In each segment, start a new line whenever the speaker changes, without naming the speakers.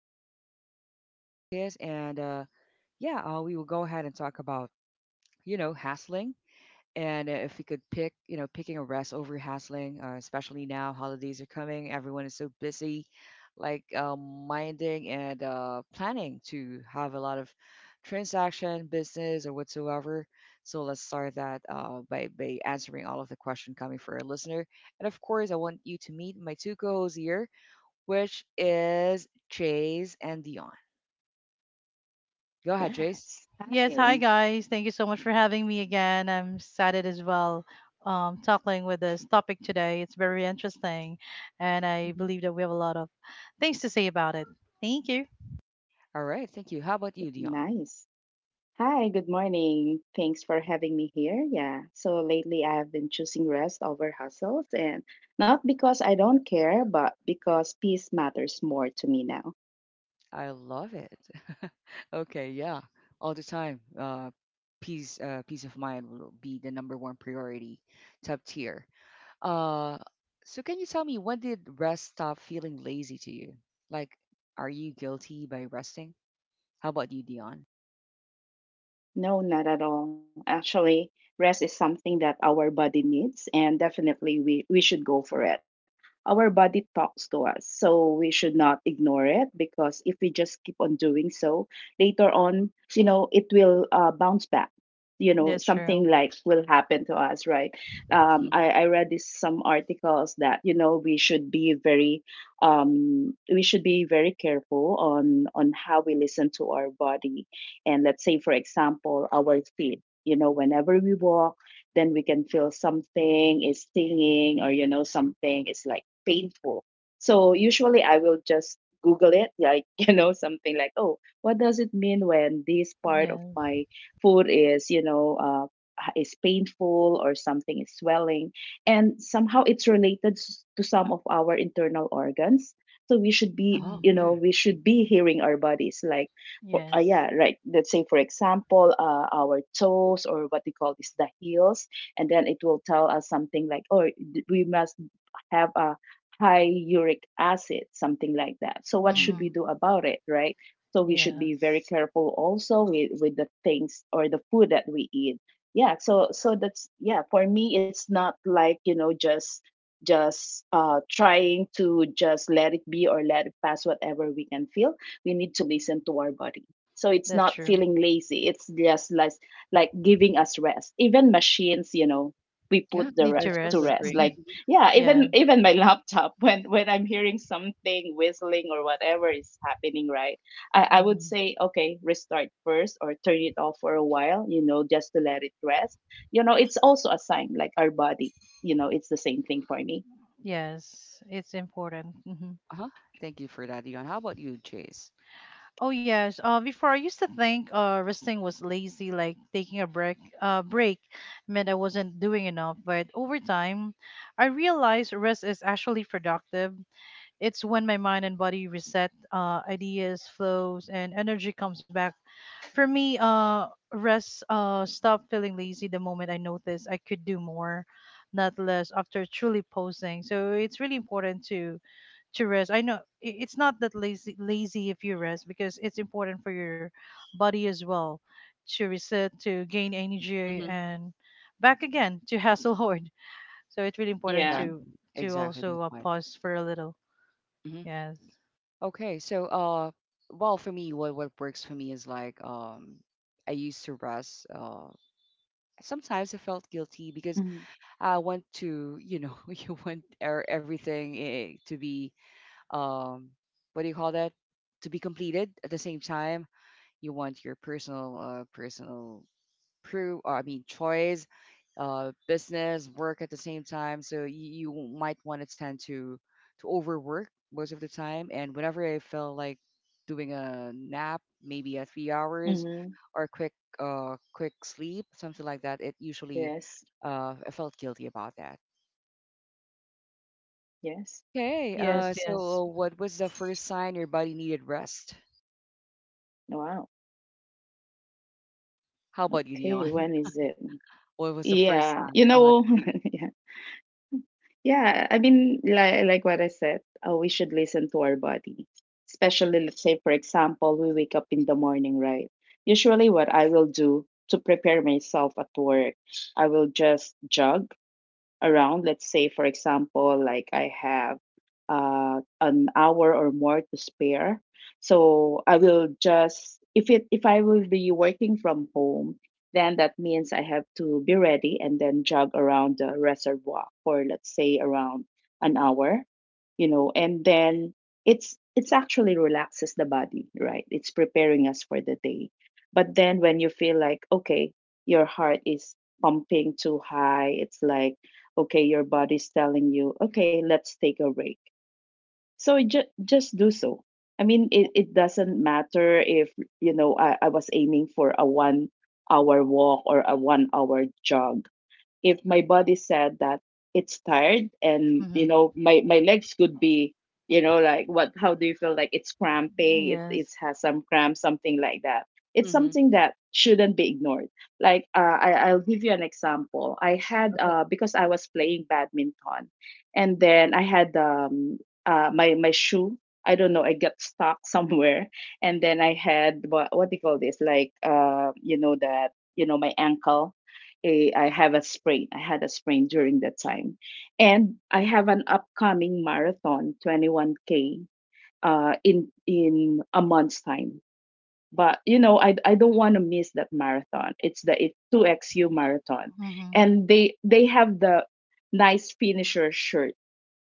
smooth. This is Akis, and yeah, we will go ahead and talk about, you know, hassling. And if we could pick, you know, picking a rest over hassling, especially now, holidays are coming, everyone is so busy, like minding and planning to have a lot of transaction, business, or whatsoever. So let's start that by answering all of the question coming for our listener. And of course, I want you to meet my two co-hosts here, which is Chase and Dion. Go ahead, Chase.
Yes.
Yes,
Hi.
hi guys. Thank you so much for having me again. I'm excited as well talking with this topic today. It's very interesting, and I
Mhm.
believe that we have a lot of things to say about it. Thank you.
All right, thank you. How about
Yeah,
you, Dion?
nice. Hi, good morning. Thanks for having me here. Yeah. So lately I've been choosing rest over hustles, and not because I don't care, but because peace matters more to me now.
I love it. Okay, yeah, all the time. Peace, peace of mind will be the number one priority, top tier. Uh, so can you tell me when did rest stop feeling lazy to you? Like, are you guilty by resting? How about you, Dion?
No, not at all. Actually, rest is something that our body needs, and definitely we should go for it. Our body talks to us, so we should not ignore it, because if we just keep on doing so, later on, you know, it will bounce back. You know,
That's true.
something like will happen to us, right? Um,
Mm-hmm.
I, I read this some articles that you know we should be very, we should be very careful on how we listen to our body, and let's say, for example, our feet, you know, whenever we walk, then we can feel something is stinging, or, you know, something is like painful. So usually I will just Google it, like, you know, something like, oh, what does it mean when this part of
Yeah.
my foot is, you know, is painful or something is swelling, and somehow it's related to some of our internal organs. So we should be,
Oh
hmm
you know,
yeah.
we should be hearing our bodies, like for,
Yes.
yeah, right. Let's say, for example, our toes, or what we call is the heels, and then it will tell us something like, oh, we must have a high uric acid, something like that. So what
Mm-hmm.
hmm
should we do about it, right? So we should be
Yes.
very careful also with the things or the food that we eat. Yeah, so that's, yeah, for me it's not like, you know, just trying to just let it be or let it pass whatever we can feel. We need to listen to our body. So it's
That's
not
true.
feeling lazy. It's just like giving us rest. Even machines, you know, we
Yeah,
put the
Need to
I
to
rest.
totally
rest.
hmm
agree.
Like
Mhm.
yeah,
Yes.
even even my laptop, when I'm hearing something whistling or whatever is happening, right, I would
hmm
say okay, restart first or turn it off for a while, you know, just to let it rest. You know, it's also a sign, like our body, you know, it's the same thing for me.
Yes. It's important. Mm-hmm.
Uh-huh. Thank you for that, Dion. How about you, Chase?
Oh yes. Before I used to think resting was lazy, like taking a break meant I wasn't doing enough. But over time, I realized rest is actually productive. It's when my mind and body reset, ideas flows and energy comes back. For me, rest stopped feeling lazy the moment I noticed I could do more, not less after truly posing. So it's really important to rest. I know it's not that lazy if you rest because it's important for your body as well to reset, to gain energy
Mm-hmm.
and back again to hustle hard. So it's really important
Yeah.
to
Exactly.
to
Exactly the
also
point.
pause for a little.
Mm-hmm.
Yes.
Okay, well, for me, what works for me is like I used to rest. Sometimes I felt guilty because
Mm-hmm.
I want to, you know, you want everything to be um, what do you call that? To be completed at the same time, you want your personal personal pro I mean choice, business, work at the same time. So you might want to tend to overwork most of the time. And whenever I felt like doing a nap, maybe a 3 hours
Mm-hmm.
or quick sleep, something like that, it usually
Yes,
uh I felt guilty about that.
yes.
Okay,
Yes, yes.
so what was the first sign your body needed rest?
Wow.
How about you,
Okay,
Dion?
when is it?
What was the first
Yeah,
sign
you
that
know.
you?
Yeah, I mean, like what I said, we should listen to our body. Especially, let's say, for example, we wake up in the morning, right? Usually, what I will do to prepare myself at work, I will just jog around. Let's say, for example, like I have an hour or more to spare, so I will just, if I will be working from home, then that means I have to be ready and then jog around the reservoir for, let's say, around an hour, you know, and then it's actually relaxes the body, right? It's preparing us for the day. But then when you feel like okay, your heart is pumping too high, it's like okay, your body's telling you okay, let's take a break, so just do so. I mean,
Uh-huh.
it doesn't matter if, you know, I was aiming for a 1 hour walk or a 1 hour jog, if my body said that it's tired, and you
Mhm.
know my legs could be, you know, like what, how do you feel like it's cramping? It
Yes.
has some cramp, something like that. It's
Mm-hmm.
something that shouldn't be ignored. Like I'll give you an example. I had
Okay.
because I was playing badminton, and then I had my shoe, I don't know, I got stuck somewhere, and then I had what do you call this, like you know that, you know my ankle, I have a sprain. I had a sprain during that time. And I have an upcoming marathon, 21K, in a month's time. But you know, I don't want to miss that marathon. It's the it, 2XU marathon.
Mhm.
And they have the nice finisher shirt.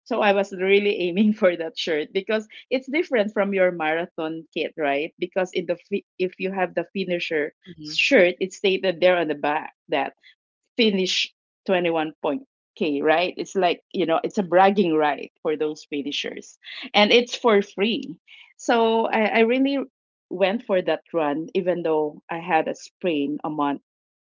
So I was really aiming for that shirt, because it's different from your marathon kit, right? Because in the fi-, if you have the finisher
Mm-hmm.
shirt, it's stated there on the back that finish 21 point k, right? It's like, you know, it's a bragging right for those finishers, and it's for free. So I really went for that run, even though I had a sprain a month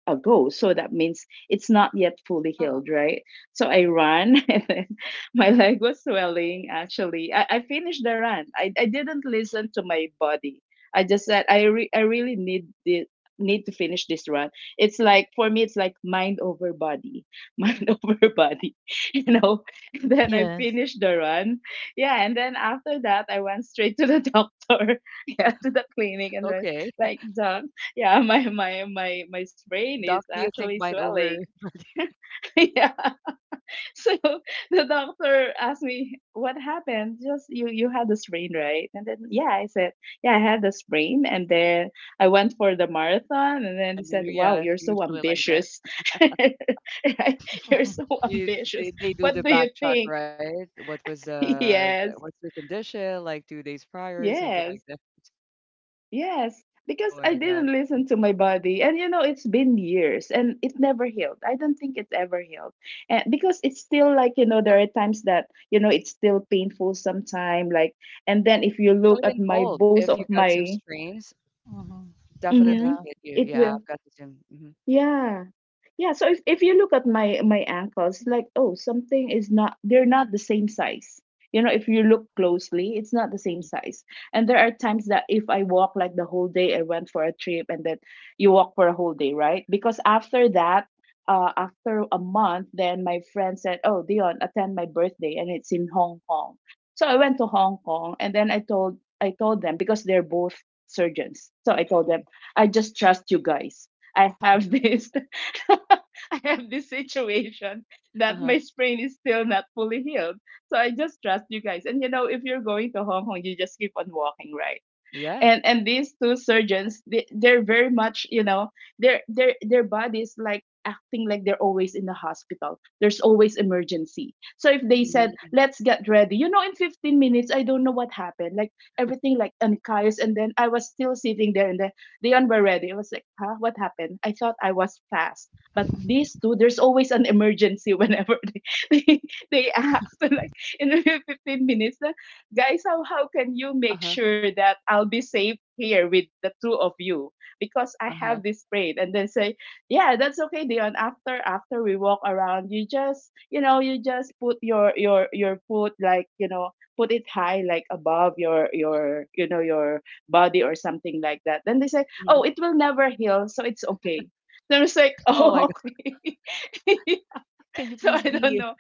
ago. So that means it's not yet fully
Wow.
healed, right? So I ran and then my leg was swelling actually. I finished the run. I didn't listen to my body. I just said, I really need this, need to finish this run. It's like for me it's like mind over body. Mind over body. You know? And then I
Yes.
finished the run. Yeah, and then after that I went straight to the doctor. Yeah, to the clinic and was
Okay.
like, doc, yeah, my
You,
brain is
duck, do you
actually
think mine
swelling.
over?
Yeah. So the doctor asked me what happened, just, you had the sprain, right? And then yeah, I said yeah, I had the sprain, and then I went for the marathon, and then
Yeah,
he said wow,
yeah,
you're so
usually like that.
ambitious. Right? You're so
You,
ambitious.
they do
What
the
do you
back check,
think?
right? What was the
Yes.
what's the condition like 2 days prior or something like
Yes.
that?
Yes,
Oh
because I
my God.
didn't listen to my body. And you know, it's been years, and it never healed. I don't think it's ever healed. And because it's still like, you know, there are times that, you know, it's still painful sometime like, and then if you
Especially
look at
when
my,
cold.
both
If
of
you got some
my,
strains,
Mhm.
mhm,
definitely
Yeah.
hit you.
it
Yeah,
will.
I've got the same.
Yeah. Yeah, so if you look at my ankles, like oh, something is not, they're not the same size. You know, if you look
Oh,
closely, it's not the same
mhm.
size. And there are times that if I walk like the whole day, I went for a trip, and then you walk for a whole day, right? Because after that, after a month, then my friend said, "Oh, Dion, attend my birthday, and it's in Hong Kong." So I went to Hong Kong, and then I told them, because they're both surgeons. So I told them, "I just trust you guys. I have this." I have this situation that
Uh-huh.
my sprain is still not fully healed. So I just trust you guys. And you know, if you're going to Hong Kong, you just keep on walking, right?
Yeah.
And these two surgeons, they, they're very much, you know, their bodies, like acting like they're always in the hospital, there's always emergency. So if they said
hmm
let's get ready, you know, in 15 minutes, I don't know what happened, like everything like uncaius, and then I was still sitting there, and then they were ready. It was like huh, what happened? I thought I was fast. But these two, there's always an emergency whenever they they, they act like in 15 minutes. Guys, how can you make
Uh-huh.
sure that I'll be safe here with the two of you? Because I
Uh-huh.
have this brain. And then say, yeah, that's okay, Dion. After we walk around, you just, you know, you just put your foot like, you know, put it high like above your, you know, your body or something like that. Then they say, oh,
hmm
it will never heal, so it's okay. Then it's like,
Oh my
oh,
God.
okay.
Can you
So
please
I don't
be,
know.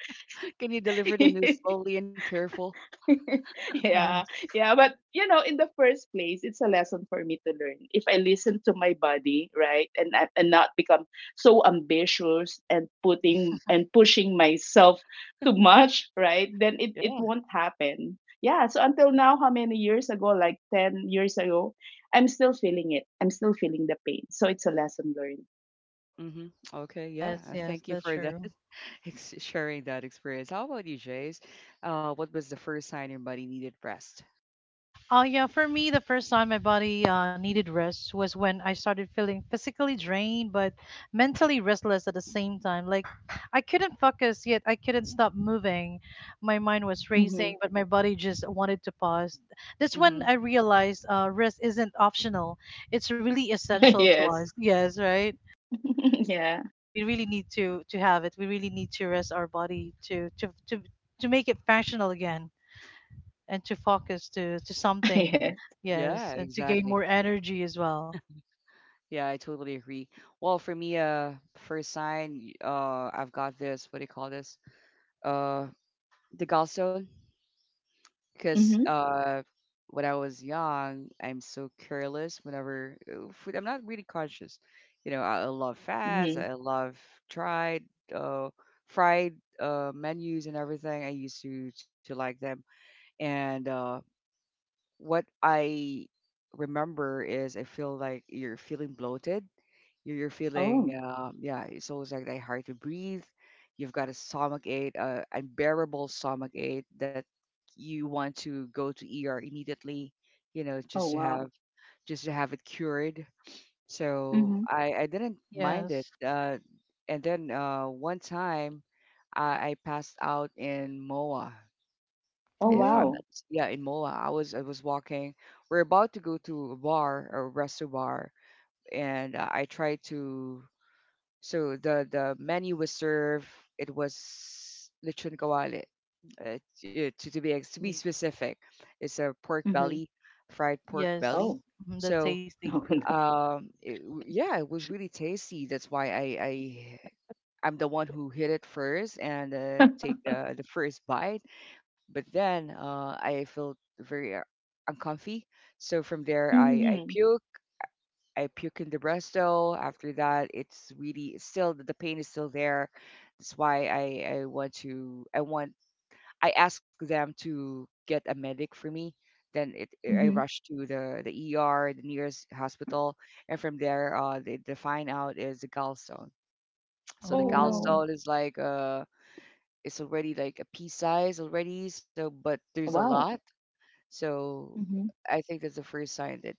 can you deliver the news slowly and careful?
Yeah,
Yes.
yeah, but you know, in the first place, it's a lesson for me to learn. If I listen to my body, right, and not become so ambitious and putting and pushing myself too much, right, then it
Yeah.
won't happen. Yeah. So until now, how many years ago? Like 10 years ago, I'm still feeling it. I'm still feeling the pain. So it's a lesson learned.
Mm-hmm. Okay. Yeah.
Yes, yes,
Thank you
that's
for that.
true.
Thanks sharing that experience. How about you, Jace? What was the first sign your body needed rest?
Oh, yeah. For me, the first time my body needed rest was when I started feeling physically drained but mentally restless at the same time. Like, I couldn't focus, yet I couldn't stop moving. My mind was
Mm-hmm.
racing, but my body just wanted to pause. That's
Mm-hmm.
when I realized rest isn't optional, it's really essential to us.
Yes.
Yes, right?
Yeah.
We really need to have it. We really need to rest our body to make it functional again and to focus to something.
hmm
Yeah.
Yes,
Yeah,
and to gain
exactly.
more energy as well.
Yeah, I totally agree. Well, for me, first sign, I've got this. What do you call this? Uh, the gallstone. Because
Mm-hmm.
when I was young, I'm so careless. Whenever food, I'm not really conscious. You know, I love fads.
Mm-hmm.
I love tried, uh, fried menus and everything. I used to like them. And what I remember is I feel like you're feeling bloated. You're feeling,
Oh.
yeah, it's always like that hard to breathe. You've got a stomach ache, unbearable stomach ache that you want to go to ER immediately, you know,
Oh wow.
just to have it cured. So
Mm-hmm.
I didn't mind it.
Yes.
And then one time I passed out in MOA
Oh
if I'm not
Oh,
wow.
yeah in Moa. I was walking. We're about to go to a bar a resto bar, and I tried to. So the menu was served. It was lechon kawali. To be
Mm.
specific, it's a pork
Mhm.
belly, fried pork belly.
yes.
Oh,
Mhm, that's
So
tasty.
no, no.
it, yeah it was really tasty that's why I'm the one who hit it first and take the first bite. But then I felt very uncomfy. So from there, I
Mhm,
puke. I puke in the breasto. After that, it's really still the pain is still there. That's why I want to I want I ask them to get a medic for me. Then it I
mhm.
rush to the ER, the nearest hospital, and from there, they find out is the gallstone. So the
Oh,
Oh.
gallstone
no.
is like it's already like a pea size already so but there's a lot
Wow.
so
Mhm.
I think that's the first sign that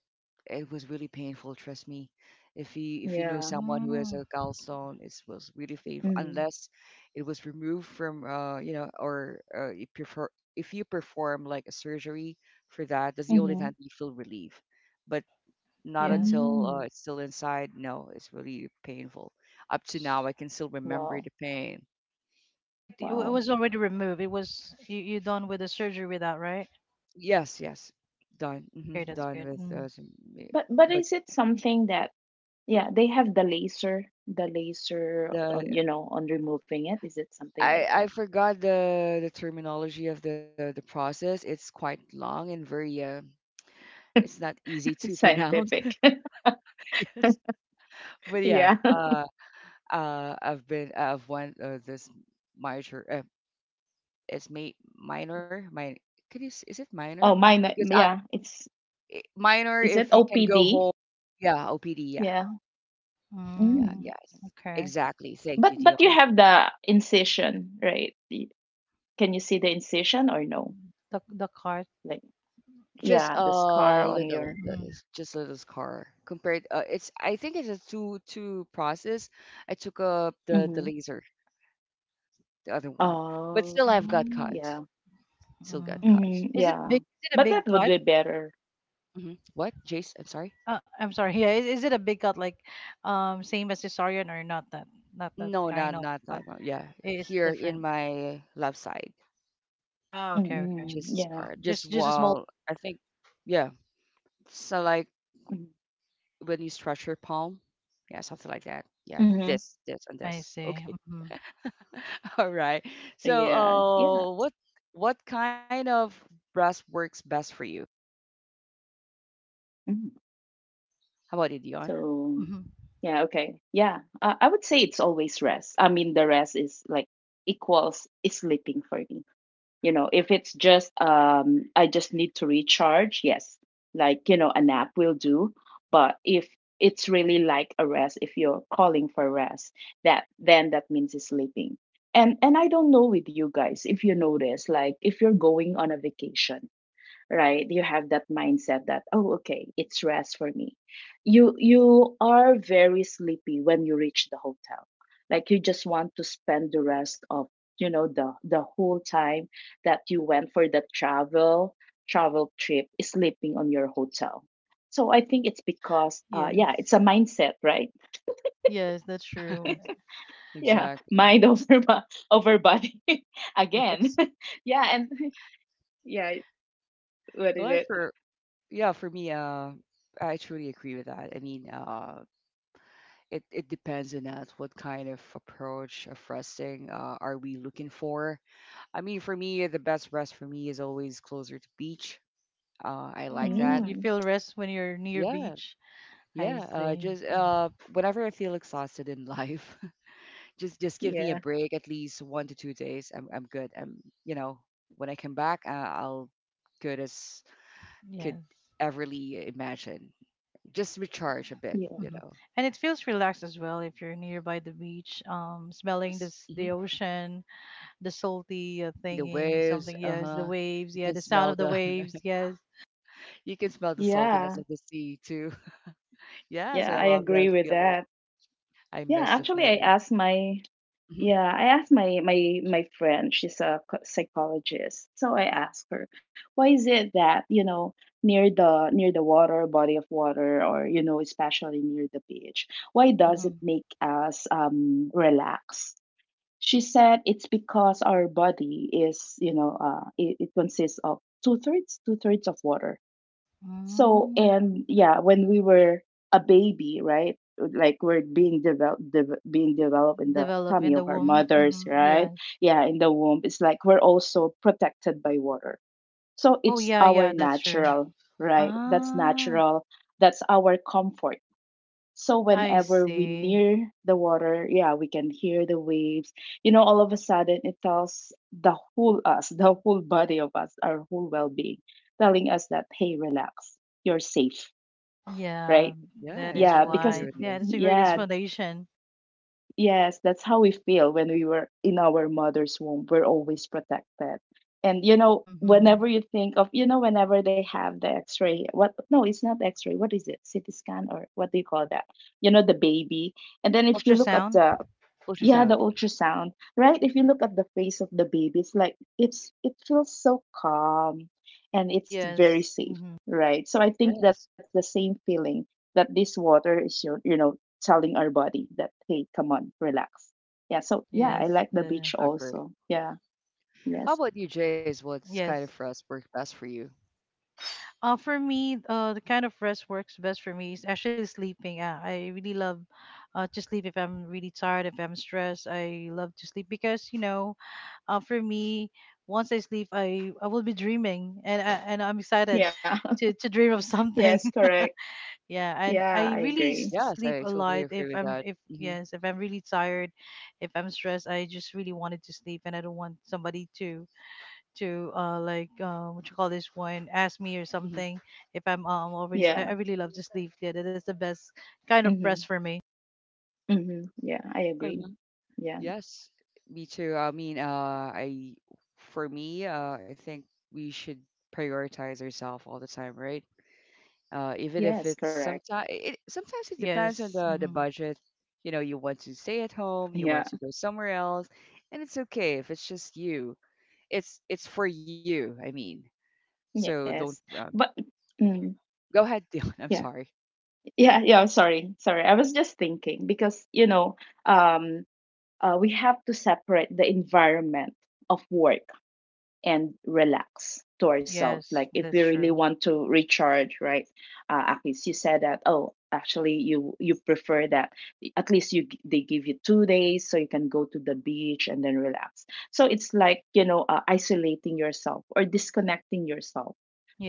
it was really painful trust me if you know
Yeah.
someone who has a
Mm,
gallstone it was really painful
Mhm.
unless it was removed from you know or if, you prefer, if you perform like a surgery for that that's the only time
Mhm.
you feel relief but not
yes.
until
Mm.
it's still inside no it's really painful up to
S-
now I can still
Wow.
remember the pain.
But it
Wow.
was already removed. It was you done with the surgery with that, right?
Yes, yes. Done.
Okay, that's
Done
good.
with
Mm.
some, ma-
But
but
is it something that, yeah, they have the
yeah,
laser
the
on, you know, on removing it. Is it something like that?
I forgot the terminology of the process. It's quite long and very it's not easy to pronounce.
Scientific.
Yes. But yeah,
Yeah.
I've been I've went this major. It's ma- minor minor could you, is it minor?
Oh, mine
Because
yeah, it's,
minor
is it
if you can go
OPD?
home. Yeah, OPD. Yeah.
Yeah.
Yeah,
Mm.
Mm.
yes.
Okay.
Exactly. Thank you,
But you
Dion.
have the incision, right? Y- can you see the incision or no?
The cart.
Like,
Just
yeah,
a
the scar on
little
your,
that
Mm.
is just a little scar compared it's I think it's a two two process I took up the
mhm.
laser the other one but
Oh,
still I've got
Mm.
cuts
yeah.
still got
Mm.
cuts.
Mhm,
Is it
yeah.
big? Is it a
But that
big
would be
cut?
better.
What jace I'm sorry.
I'm sorry. Yeah, is it a big cut like same as cesarean or not that not that
No not
kind of
not
cut?
that one yeah
It's
here in
different.
my left side
Ah, okay,
just
okay.
a
Mhm,
scar
yeah.
just
Just a
while
small.
I think yeah so like
Mhm.
when you stretch your palm yeah something like that yeah
Mhm.
this and
I
this.
see.
Okay.
Hmm
All right. So,
Yeah, yeah.
what kind of brass works best for you?
Mhm.
How about you, Dion?
So,
hmm
yeah, okay. Yeah. I would say it's always rest. I mean, the rest is like equals sleeping for me. You know, if it's just I just need to recharge, yes, a nap will do. But if it's really like a rest, if you're calling for rest, that then that means it's sleeping. And I don't know with you guys if you notice, like if you're going on a vacation, right? You have that mindset that oh, okay, it's rest for me. You are very sleepy when you reach the hotel, like you just want to spend the rest of, the whole time that you went for the travel, trip sleeping on your hotel. So I think it's because yeah,
Yes,
it's a mindset, right?
yes, that's
Yeah,
true.
Yeah,
exactly.
mind over over body again.
Yes.
Yeah. And yeah, what is
Well,
it?
for me, I truly agree with that. I mean, it it depends on that what kind of approach of resting are we looking for. I mean, for me, the best rest for me is always closer to beach. I like that.
Mm, you
Mm,
feel rest when you're near
Yeah,
beach. I
yeah.
see.
Just
Mm,
whenever I feel exhausted in life. Just give me a
yeah.
break at least 1 to 2 days. I'm good. I'm you know when I come back, I'll good as could
yes.
everly imagine. Just recharge a bit, you
hmm
know.
And it feels relaxed as well if you're nearby the beach, smelling
Yes.
this the ocean, the salty
Hearing the
thingy,
waves.
something.
Uh
Yes,
huh.
the
You
waves.
can
Yeah, the
smell
sound of the
the
waves. Yes.
you can smell the saltiness of
Yeah,
the sea too. yes,
yeah,
I
I
love
agree
that
with
feeling.
that.
I
Yeah,
miss the
actually, I
feeling.
asked my,
hmm
yeah, I asked my friend. She's a psychologist, so I asked her, why is it that, you know, near the, near the water, body of water, or you know, especially near the beach, why does it
Mm-hmm.
make us relax? She said it's because our body is, you know, uh, it consists of two thirds, two-thirds of water. So,
Mm,
and yeah, when we were a baby, right? Like we're being developed, being developed in the
develop
tummy
in the
of our
womb.
mothers,
Hmm
right?
Yes.
Yeah, in the womb. It's like we're also protected by water. So
Oh,
it's
yeah,
our
yeah, that's true.
natural, right? That's
Ah,
natural. That's our comfort. So
I
whenever we
see.
near the water, yeah, we can hear the waves. You know, all of a sudden it tells the whole us, the whole body of us, our whole well-being, telling us that hey, relax, you're safe,
Yeah,
right?
that
Yeah, I
is
Yeah,
totally
why.
because
agree with
Yeah,
you.
that's a great
yeah,
Mm-hmm.
explanation.
yes, that's how we feel when we were in our mother's womb. We're always protected. And you know,
Mm-hmm.
whenever you think of, you know, whenever they have the X-ray, what? No, it's not X-ray. What is it? CT scan or what do you call that? You know, the baby. And then if you
Uh,
look at
Ultrasound?
the,
float your
yeah, the
sound.
ultrasound, right? If you look at the face of the baby, it's like it feels so calm and it's very
Yes.
safe,
Mm-hmm.
right? So I think that's
Yes.
the same feeling that this water is your, you know, telling our body that hey, come on, relax. Yeah, so yeah,
Mm-hmm.
I
Yes,
like the beach
the
also. Yeah,
How
yes.
about you, Jace? What's kind of
yes.
for us work best for you?
For me, the kind of rest works best for me is actually sleeping. I really love to sleep if I'm really tired, if I'm stressed. I love to sleep because, you know, for me once I sleep i will be dreaming and I'm excited
Yeah.
to dream of something.
Yes, correct.
Yeah, and I
Yeah, I
really
agree.
Yes,
sleep
I
a lot
totally
if
agree with
I'm
that.
if yes if I'm really tired if I'm stressed I just really wanted to sleep and I don't want somebody to like what you call this one ask me or
Hmm
something if I'm already
Yeah.
I really love to sleep. Yeah, that is the best kind of rest
Mhm.
for me.
Mhm. Yeah, I
uh
agree. Yeah.
Yes, me too. I mean, I for me, I think we should prioritize ourselves all the time, right? Even if
Yes,
it's
correct.
sometimes it depends on
Yes.
the
hmm
budget. You know, you want to stay at home, you want
Yeah.
to go somewhere else, and it's okay if it's just you. It's for you, I mean. So don't
Yes. But mm,
go ahead, Dion. I'm
yeah.
sorry.
Yeah, yeah, sorry, sorry. I was just thinking because, you know, um, we have to separate the environment of work and relax to ourselves. Like,
Yes,
if we
that's
really
true.
want to recharge, right? Akis, you said that, oh, actually, you prefer that at least you they give you 2 days so you can go to the beach and then relax. So it's like, you know, isolating yourself or disconnecting yourself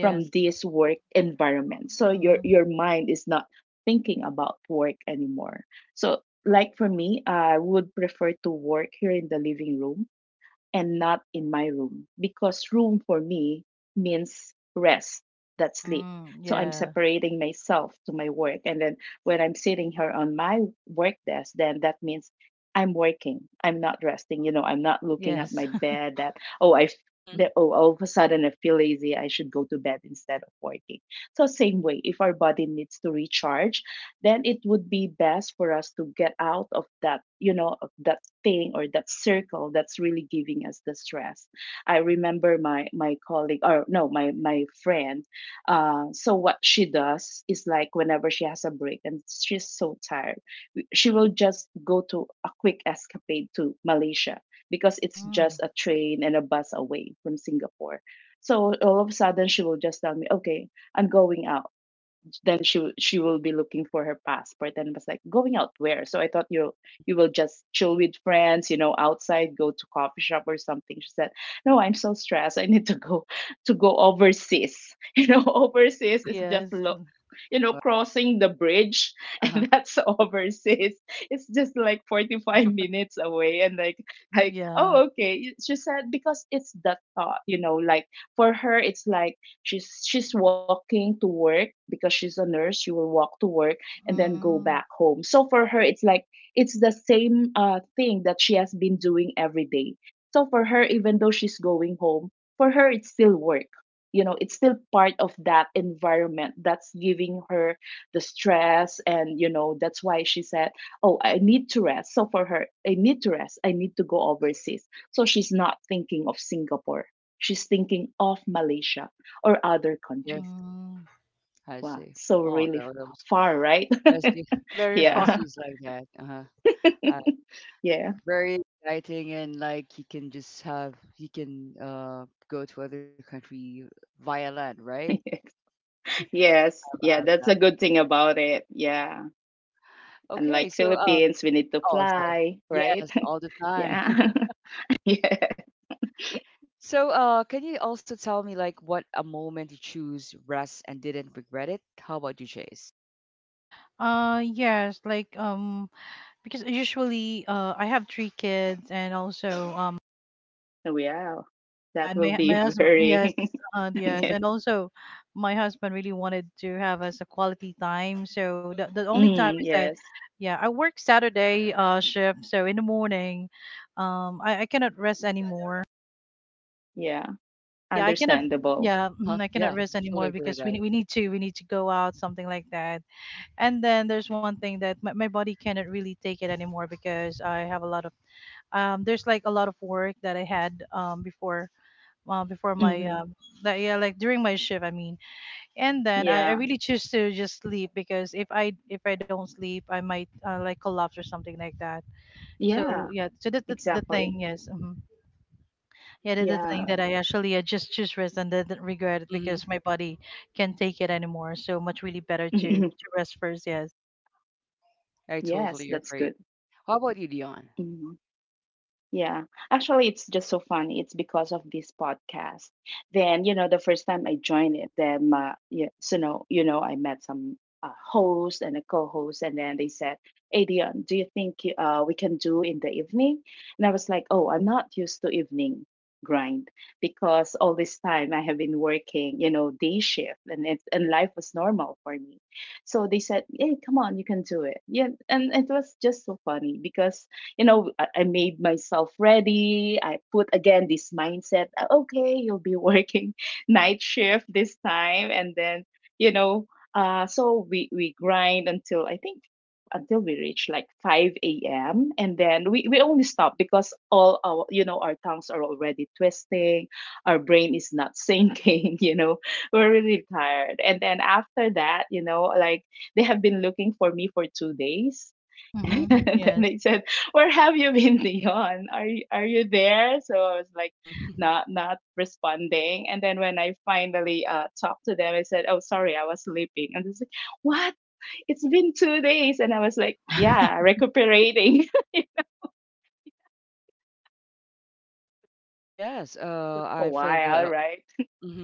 from this work environment. So
Mm-hmm.
your mind is not thinking about work anymore. So like for me, I would prefer to work here in the living room and not in my room because room for me means rest, that's sleep.
Mm,
So I'm
yeah.
separating myself to my work, and then when I'm sitting here on my work desk, then that means I'm working, I'm not resting. You know, I'm not looking at my
Yes.
bed that, oh i f-
hmm
that, oh, all of a sudden I feel lazy, I should go to bed instead of working. So same way, if our body needs to recharge, then it would be best for us to get out of that, you know, of that thing or that circle that's really giving us the stress. I remember my my colleague, or no, my my friend, so what she does is like whenever she has a break and she's so tired, she will just go to a quick escapade to Malaysia because it's just
Mm.
a train and a bus away from Singapore. So all of a sudden she will just tell me, okay, I'm going out. Then she will be looking for her passport, and was like, going out where? So I thought you, you will just chill with friends, you know, outside, go to coffee shop or something. She said no, I'm so stressed, I need to go, to go overseas. You know, overseas is just
Yes. Mm.
you know, crossing the bridge
Uh-huh.
and that's overseas. It's just like
Oh,
45 minutes away and like oh
Yeah.
okay. She said because it's the thought, you know, like for her it's like she's walking to work because she's a nurse, she will walk to work and then go
Mm.
back home. So for her it's like it's the same thing that she has been doing every day. So for her, even though she's going home, for her it's still work, you know, it's still part of that environment that's giving her the stress. And you know, that's why she said, oh, I need to rest. So for her, I need to rest, I need to go overseas. So she's not thinking of Singapore, she's thinking of Malaysia or other
yeah,
countries.
Mm.
I
Wow,
see.
so
Wow,
really
that that was
far, right?
as
Very
yeah,
far.
Yeah.
she's like that. Uh-huh. Uh,
Yeah.
very exciting and like you can just have you can go to other country via land, right?
Yes,
Via
yeah, that's
land.
a good thing about it. Yeah,
Okay,
unlike
so
Philippines, we need to
oh, sorry.
fly, right?
Yes, all the time.
Yeah. Yeah.
So can you also tell me like what a moment you choose rest and didn't regret it? How about you, Chase?
Yes, like because usually I have three kids and also
Wow.
yeah,
That
and
will
my
be
Mm-hmm.
my husband
very,
yes,
Mm-hmm.
yes,
yes.
and also my husband really wanted to have us a quality time. So the only time
Mm,
is that
yes.
yeah, I work Saturday shift, so in the morning I cannot rest anymore.
Yeah.
Yeah I cannot,
Understandable.
yeah
Uh-huh.
mhm, I
Yeah,
cannot
I
rest
totally
anymore
agree with
because
that.
we need to go out something like that. And then there's one thing that my body cannot really take it anymore because I have a lot of there's like a lot of work that I had before before my
Mm-hmm.
that. Yeah, like during my shift I mean. And then I
Yeah.
really choose to just sleep because if I don't sleep I might like collapse or something like that. So
Yeah.
yeah, so that's the thing.
Exactly.
Yes, mhm. Yeah, that's the
Yeah.
thing
Yeah.
that I actually just choose rest and then regret it
Mm-hmm.
because my body can't take it anymore. So much really better to to rest first. Yes.
I
Yes,
totally
that's
agree.
good.
How about you, Dion?
Mhm. Yeah, actually, it's just so funny. It's because of this podcast. Then you know, the first time I joined it, then yeah, so no, you know, I met some host and a co-host, and then they said, "Hey, Dion, do you think we can do in the evening?" And I was like, "Oh, I'm not used to evening grind because all this time I have been working, you know, day shift, and and life was normal for me." So they said, "Hey, come on, you can do it." Yeah, and it was just so funny because you know, I made myself ready. I put again this mindset, "Ah, okay, you'll be working night shift this time. And then, you know, so we grind until I think until we reach like 5 a.m. and then we only stop because all our, you know, our tongues are already twisting, our brain is not sinking, you know, we're really tired." And then after that, you know, like they have been looking for me for 2 days. And
Mm-hmm.
then
Yes.
they said, "Where have you been, Dion? Are you, are you there?" So I was like,
Mhm.
not, not responding. And then when I finally talked to them, I said, "Oh, sorry, I was sleeping." And they said, "What? It's been 2 days." And I was like, "Yeah, recuperating
Yes,
a
I feel the.
while, right?"
Mhm.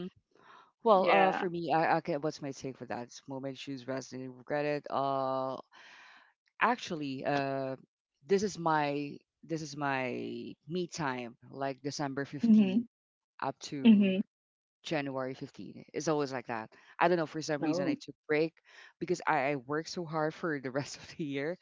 Well, for
Yeah.
me, I can, what's my take for that? Moment shoes resonated, regret it. Actually, this is my this is my me time, like December 15
Mhm.
up to
Mhm.
January 15. It's always like that. I don't know, for some reason I
Oh.
took break because I worked so hard for the rest of the year.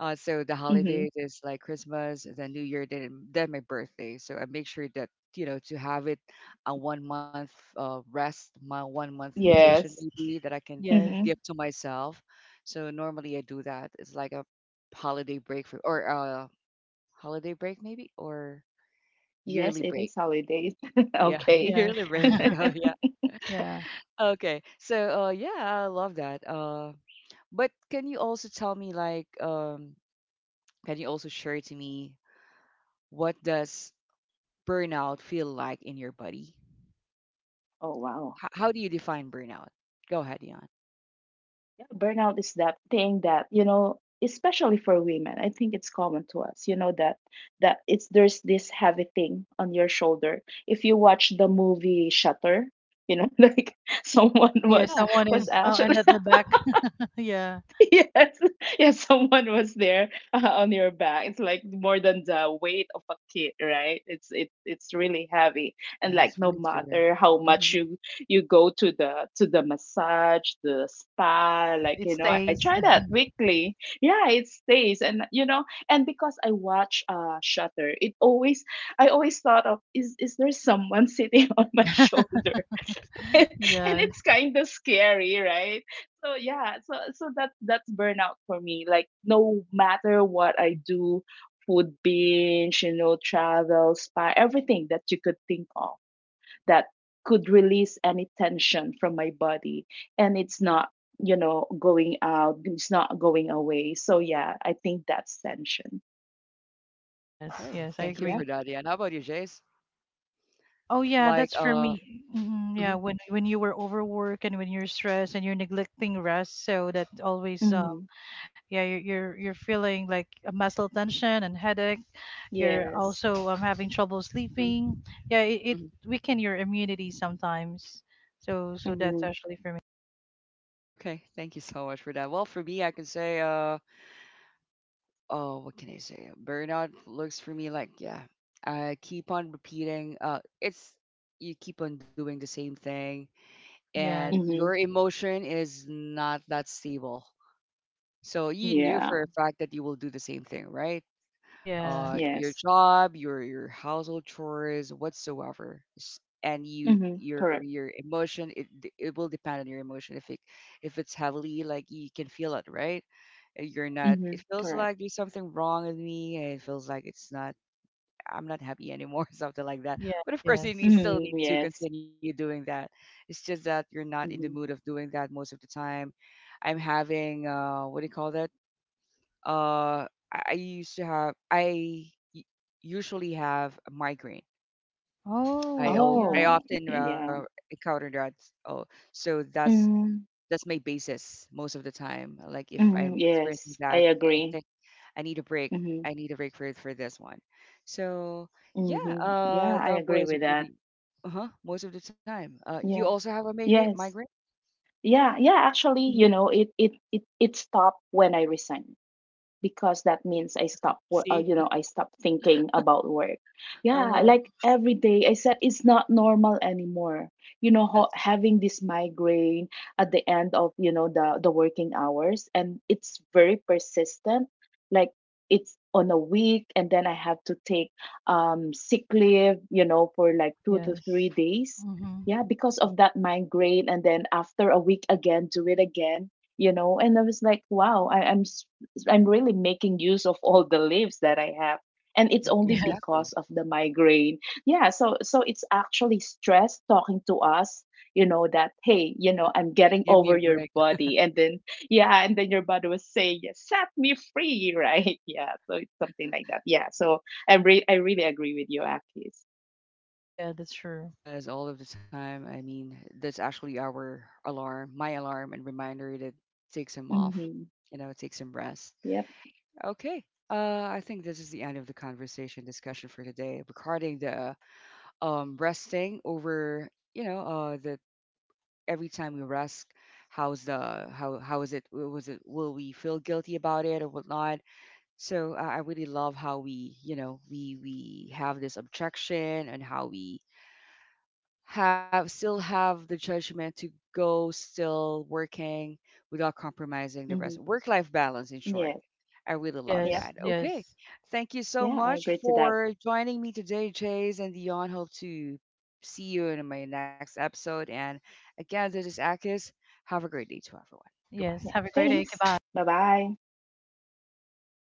So the
Mhm.
holidays is like Christmas, then New Year, then my birthday. So I make sure that you know to have it a 1 month rest, my 1 month
Mm-hmm.
vacation
Yes.
maybe that I can
Yes.
give
Mhm.
to myself. So normally I do that. It's like a holiday break for or a holiday break maybe or
Yes,
yearly
it
break.
is
Y-
holidays.
Yeah,
Okay.
yearly
Yes.
break. Oh yeah.
Yeah.
Okay. So yeah, I love that. But can you also tell me like can you also share to me what does burnout feel like in your body?
Oh wow.
How do you define burnout? Go ahead, Dion.
Yeah, burnout is that thing that, you know, especially for women, I think it's common to us, you know, that, that it's, there's this heavy thing on your shoulder. If you watch the movie Shutter, you know, like someone
Yeah.
was
Yeah.
Someone is
was
and
actually
at the back. Yeah.
yes, yes, someone was there on your back. It's like more than the weight of a kid, right? It's really heavy, and
Yeah,
like
it's
no
very scary.
matter how much you, you go to the, to the massage, the
Yes. It's
spa, like
it
you know, I try
stays.
that
Mhm.
weekly. Yeah, it stays, and you know, and because I watch Shutter, it always, I always thought of, is, is there someone sitting on my shoulder? And
yes.
it's kind of scary, right? So yeah, so so that, that's burnout for me. Like no matter what I do, food binge, you know, travel, spa, everything that you could think of, that could release any tension from my body, and it's not, you know, going out, it's not going away. So yeah, I think that's tension.
Yes.
Okay.
Yes. I
Thank you for
agree.
Yeah.
that, Dion. How about you, Jace?
Oh yeah,
Like,
that's for me. Mhm,
mhm,
yeah, when you were overworked and when you're stressed and you're neglecting rest, so that always
Mm-hmm.
yeah you're feeling like a muscle tension and headache. You're
Yes.
also having trouble
mhm,
sleeping. Yeah, it
mhm.
weaken your immunity sometimes. So so that's
Mm-hmm.
actually for me.
Okay. Thank you so much for that. Well, for me, I can say, oh, what can I say? Burnout looks for me like, yeah, I keep on repeating. It's you keep on doing the same thing, and
Yes.
your
Mm-hmm.
emotion is not that stable. So you knew for
Yeah,
a fact that you will do the same thing, right?
Yeah.
Your
yes.
job, your household chores, whatsoever, and you
Mm-hmm, correct.
your emotion it will depend on your emotion. If it if it's heavily, like you can feel it, right? You're not. It
Mm-hmm,
feels
correct.
like there's something wrong with me, and it feels like it's not I'm not happy anymore, something like that.
Yes,
But of course, then
yes.
you still
Mhm,
need to
yes.
continue doing that. It's just that you're not in the
Mhm.
mood of doing that most of the time. I'm having what do you call that? Uh, I used to have I u- usually have a migraine. I
Oh
I
yeah.
Oh,
often
yeah.
encounter that. Oh, so
Mm,
that's my basis most of the time. Like if
mhm,
I'm
yes,
experiencing
I
that,
agree.
I need a break. I
Mhm,
need a break for this one. So yeah,
mhm. Yeah,
that
I
was
agree with
really
that.
uh-huh most of the time. You
Yeah.
also have a migraine.
Yes.
Migraine.
Yeah, yeah, actually, you
hmm
know, it stopped when I resigned, because that means I stop you
See.
know, I stop thinking about work. Yeah,
Uh huh.
like every day I said it's not normal anymore. You know,
Yes.
having this migraine at the end of, you know, the working hours, and it's very persistent. Like it's on a week and then I have to take sick leave, you know, for like 2 to
Yes.
3 days.
Mm-hmm.
Yeah, because of
Mm-hmm.
that migraine, and then after a week again, do it again, you know. And I was like wow, I'm really making use of all the leaves that I have. And it's only
yes.
because
Exactly.
of the migraine. Yeah, so so it's actually stress talking to us, you know, that hey, you know, I'm getting
Give
over
me a
your
break.
body. And then yeah, and then your body was saying, yeah, set me free, right? Yeah. So it's something like that. Yeah. So I really agree with you, Akis.
Yeah, that's true.
Yes, all of the time. I mean, that's actually our alarm, my alarm and reminder that takes him off,
Mm-hmm.
you know, takes him rest.
Yep.
Okay. I think this is the end of the conversation discussion for today regarding the resting over you know the every time we rest how's the how is it was it will we feel guilty about it or whatnot. So I really love how we you know we have this objection and how we have still have the judgment to go still working without compromising the
Mm-hmm.
rest. Work life balance, in short.
Yes.
I really love
Yep.
Yes.
that. Okay.
Yes.
Thank you so
Yeah, I
much
agree to that.
for joining me today, Jays and Dion. Hope to see you in my next episode. And again, this is Akis. Have a great day to everyone. Goodbye.
Yes,
Yeah.
have a great day.
Thanks.
Goodbye.
Bye bye.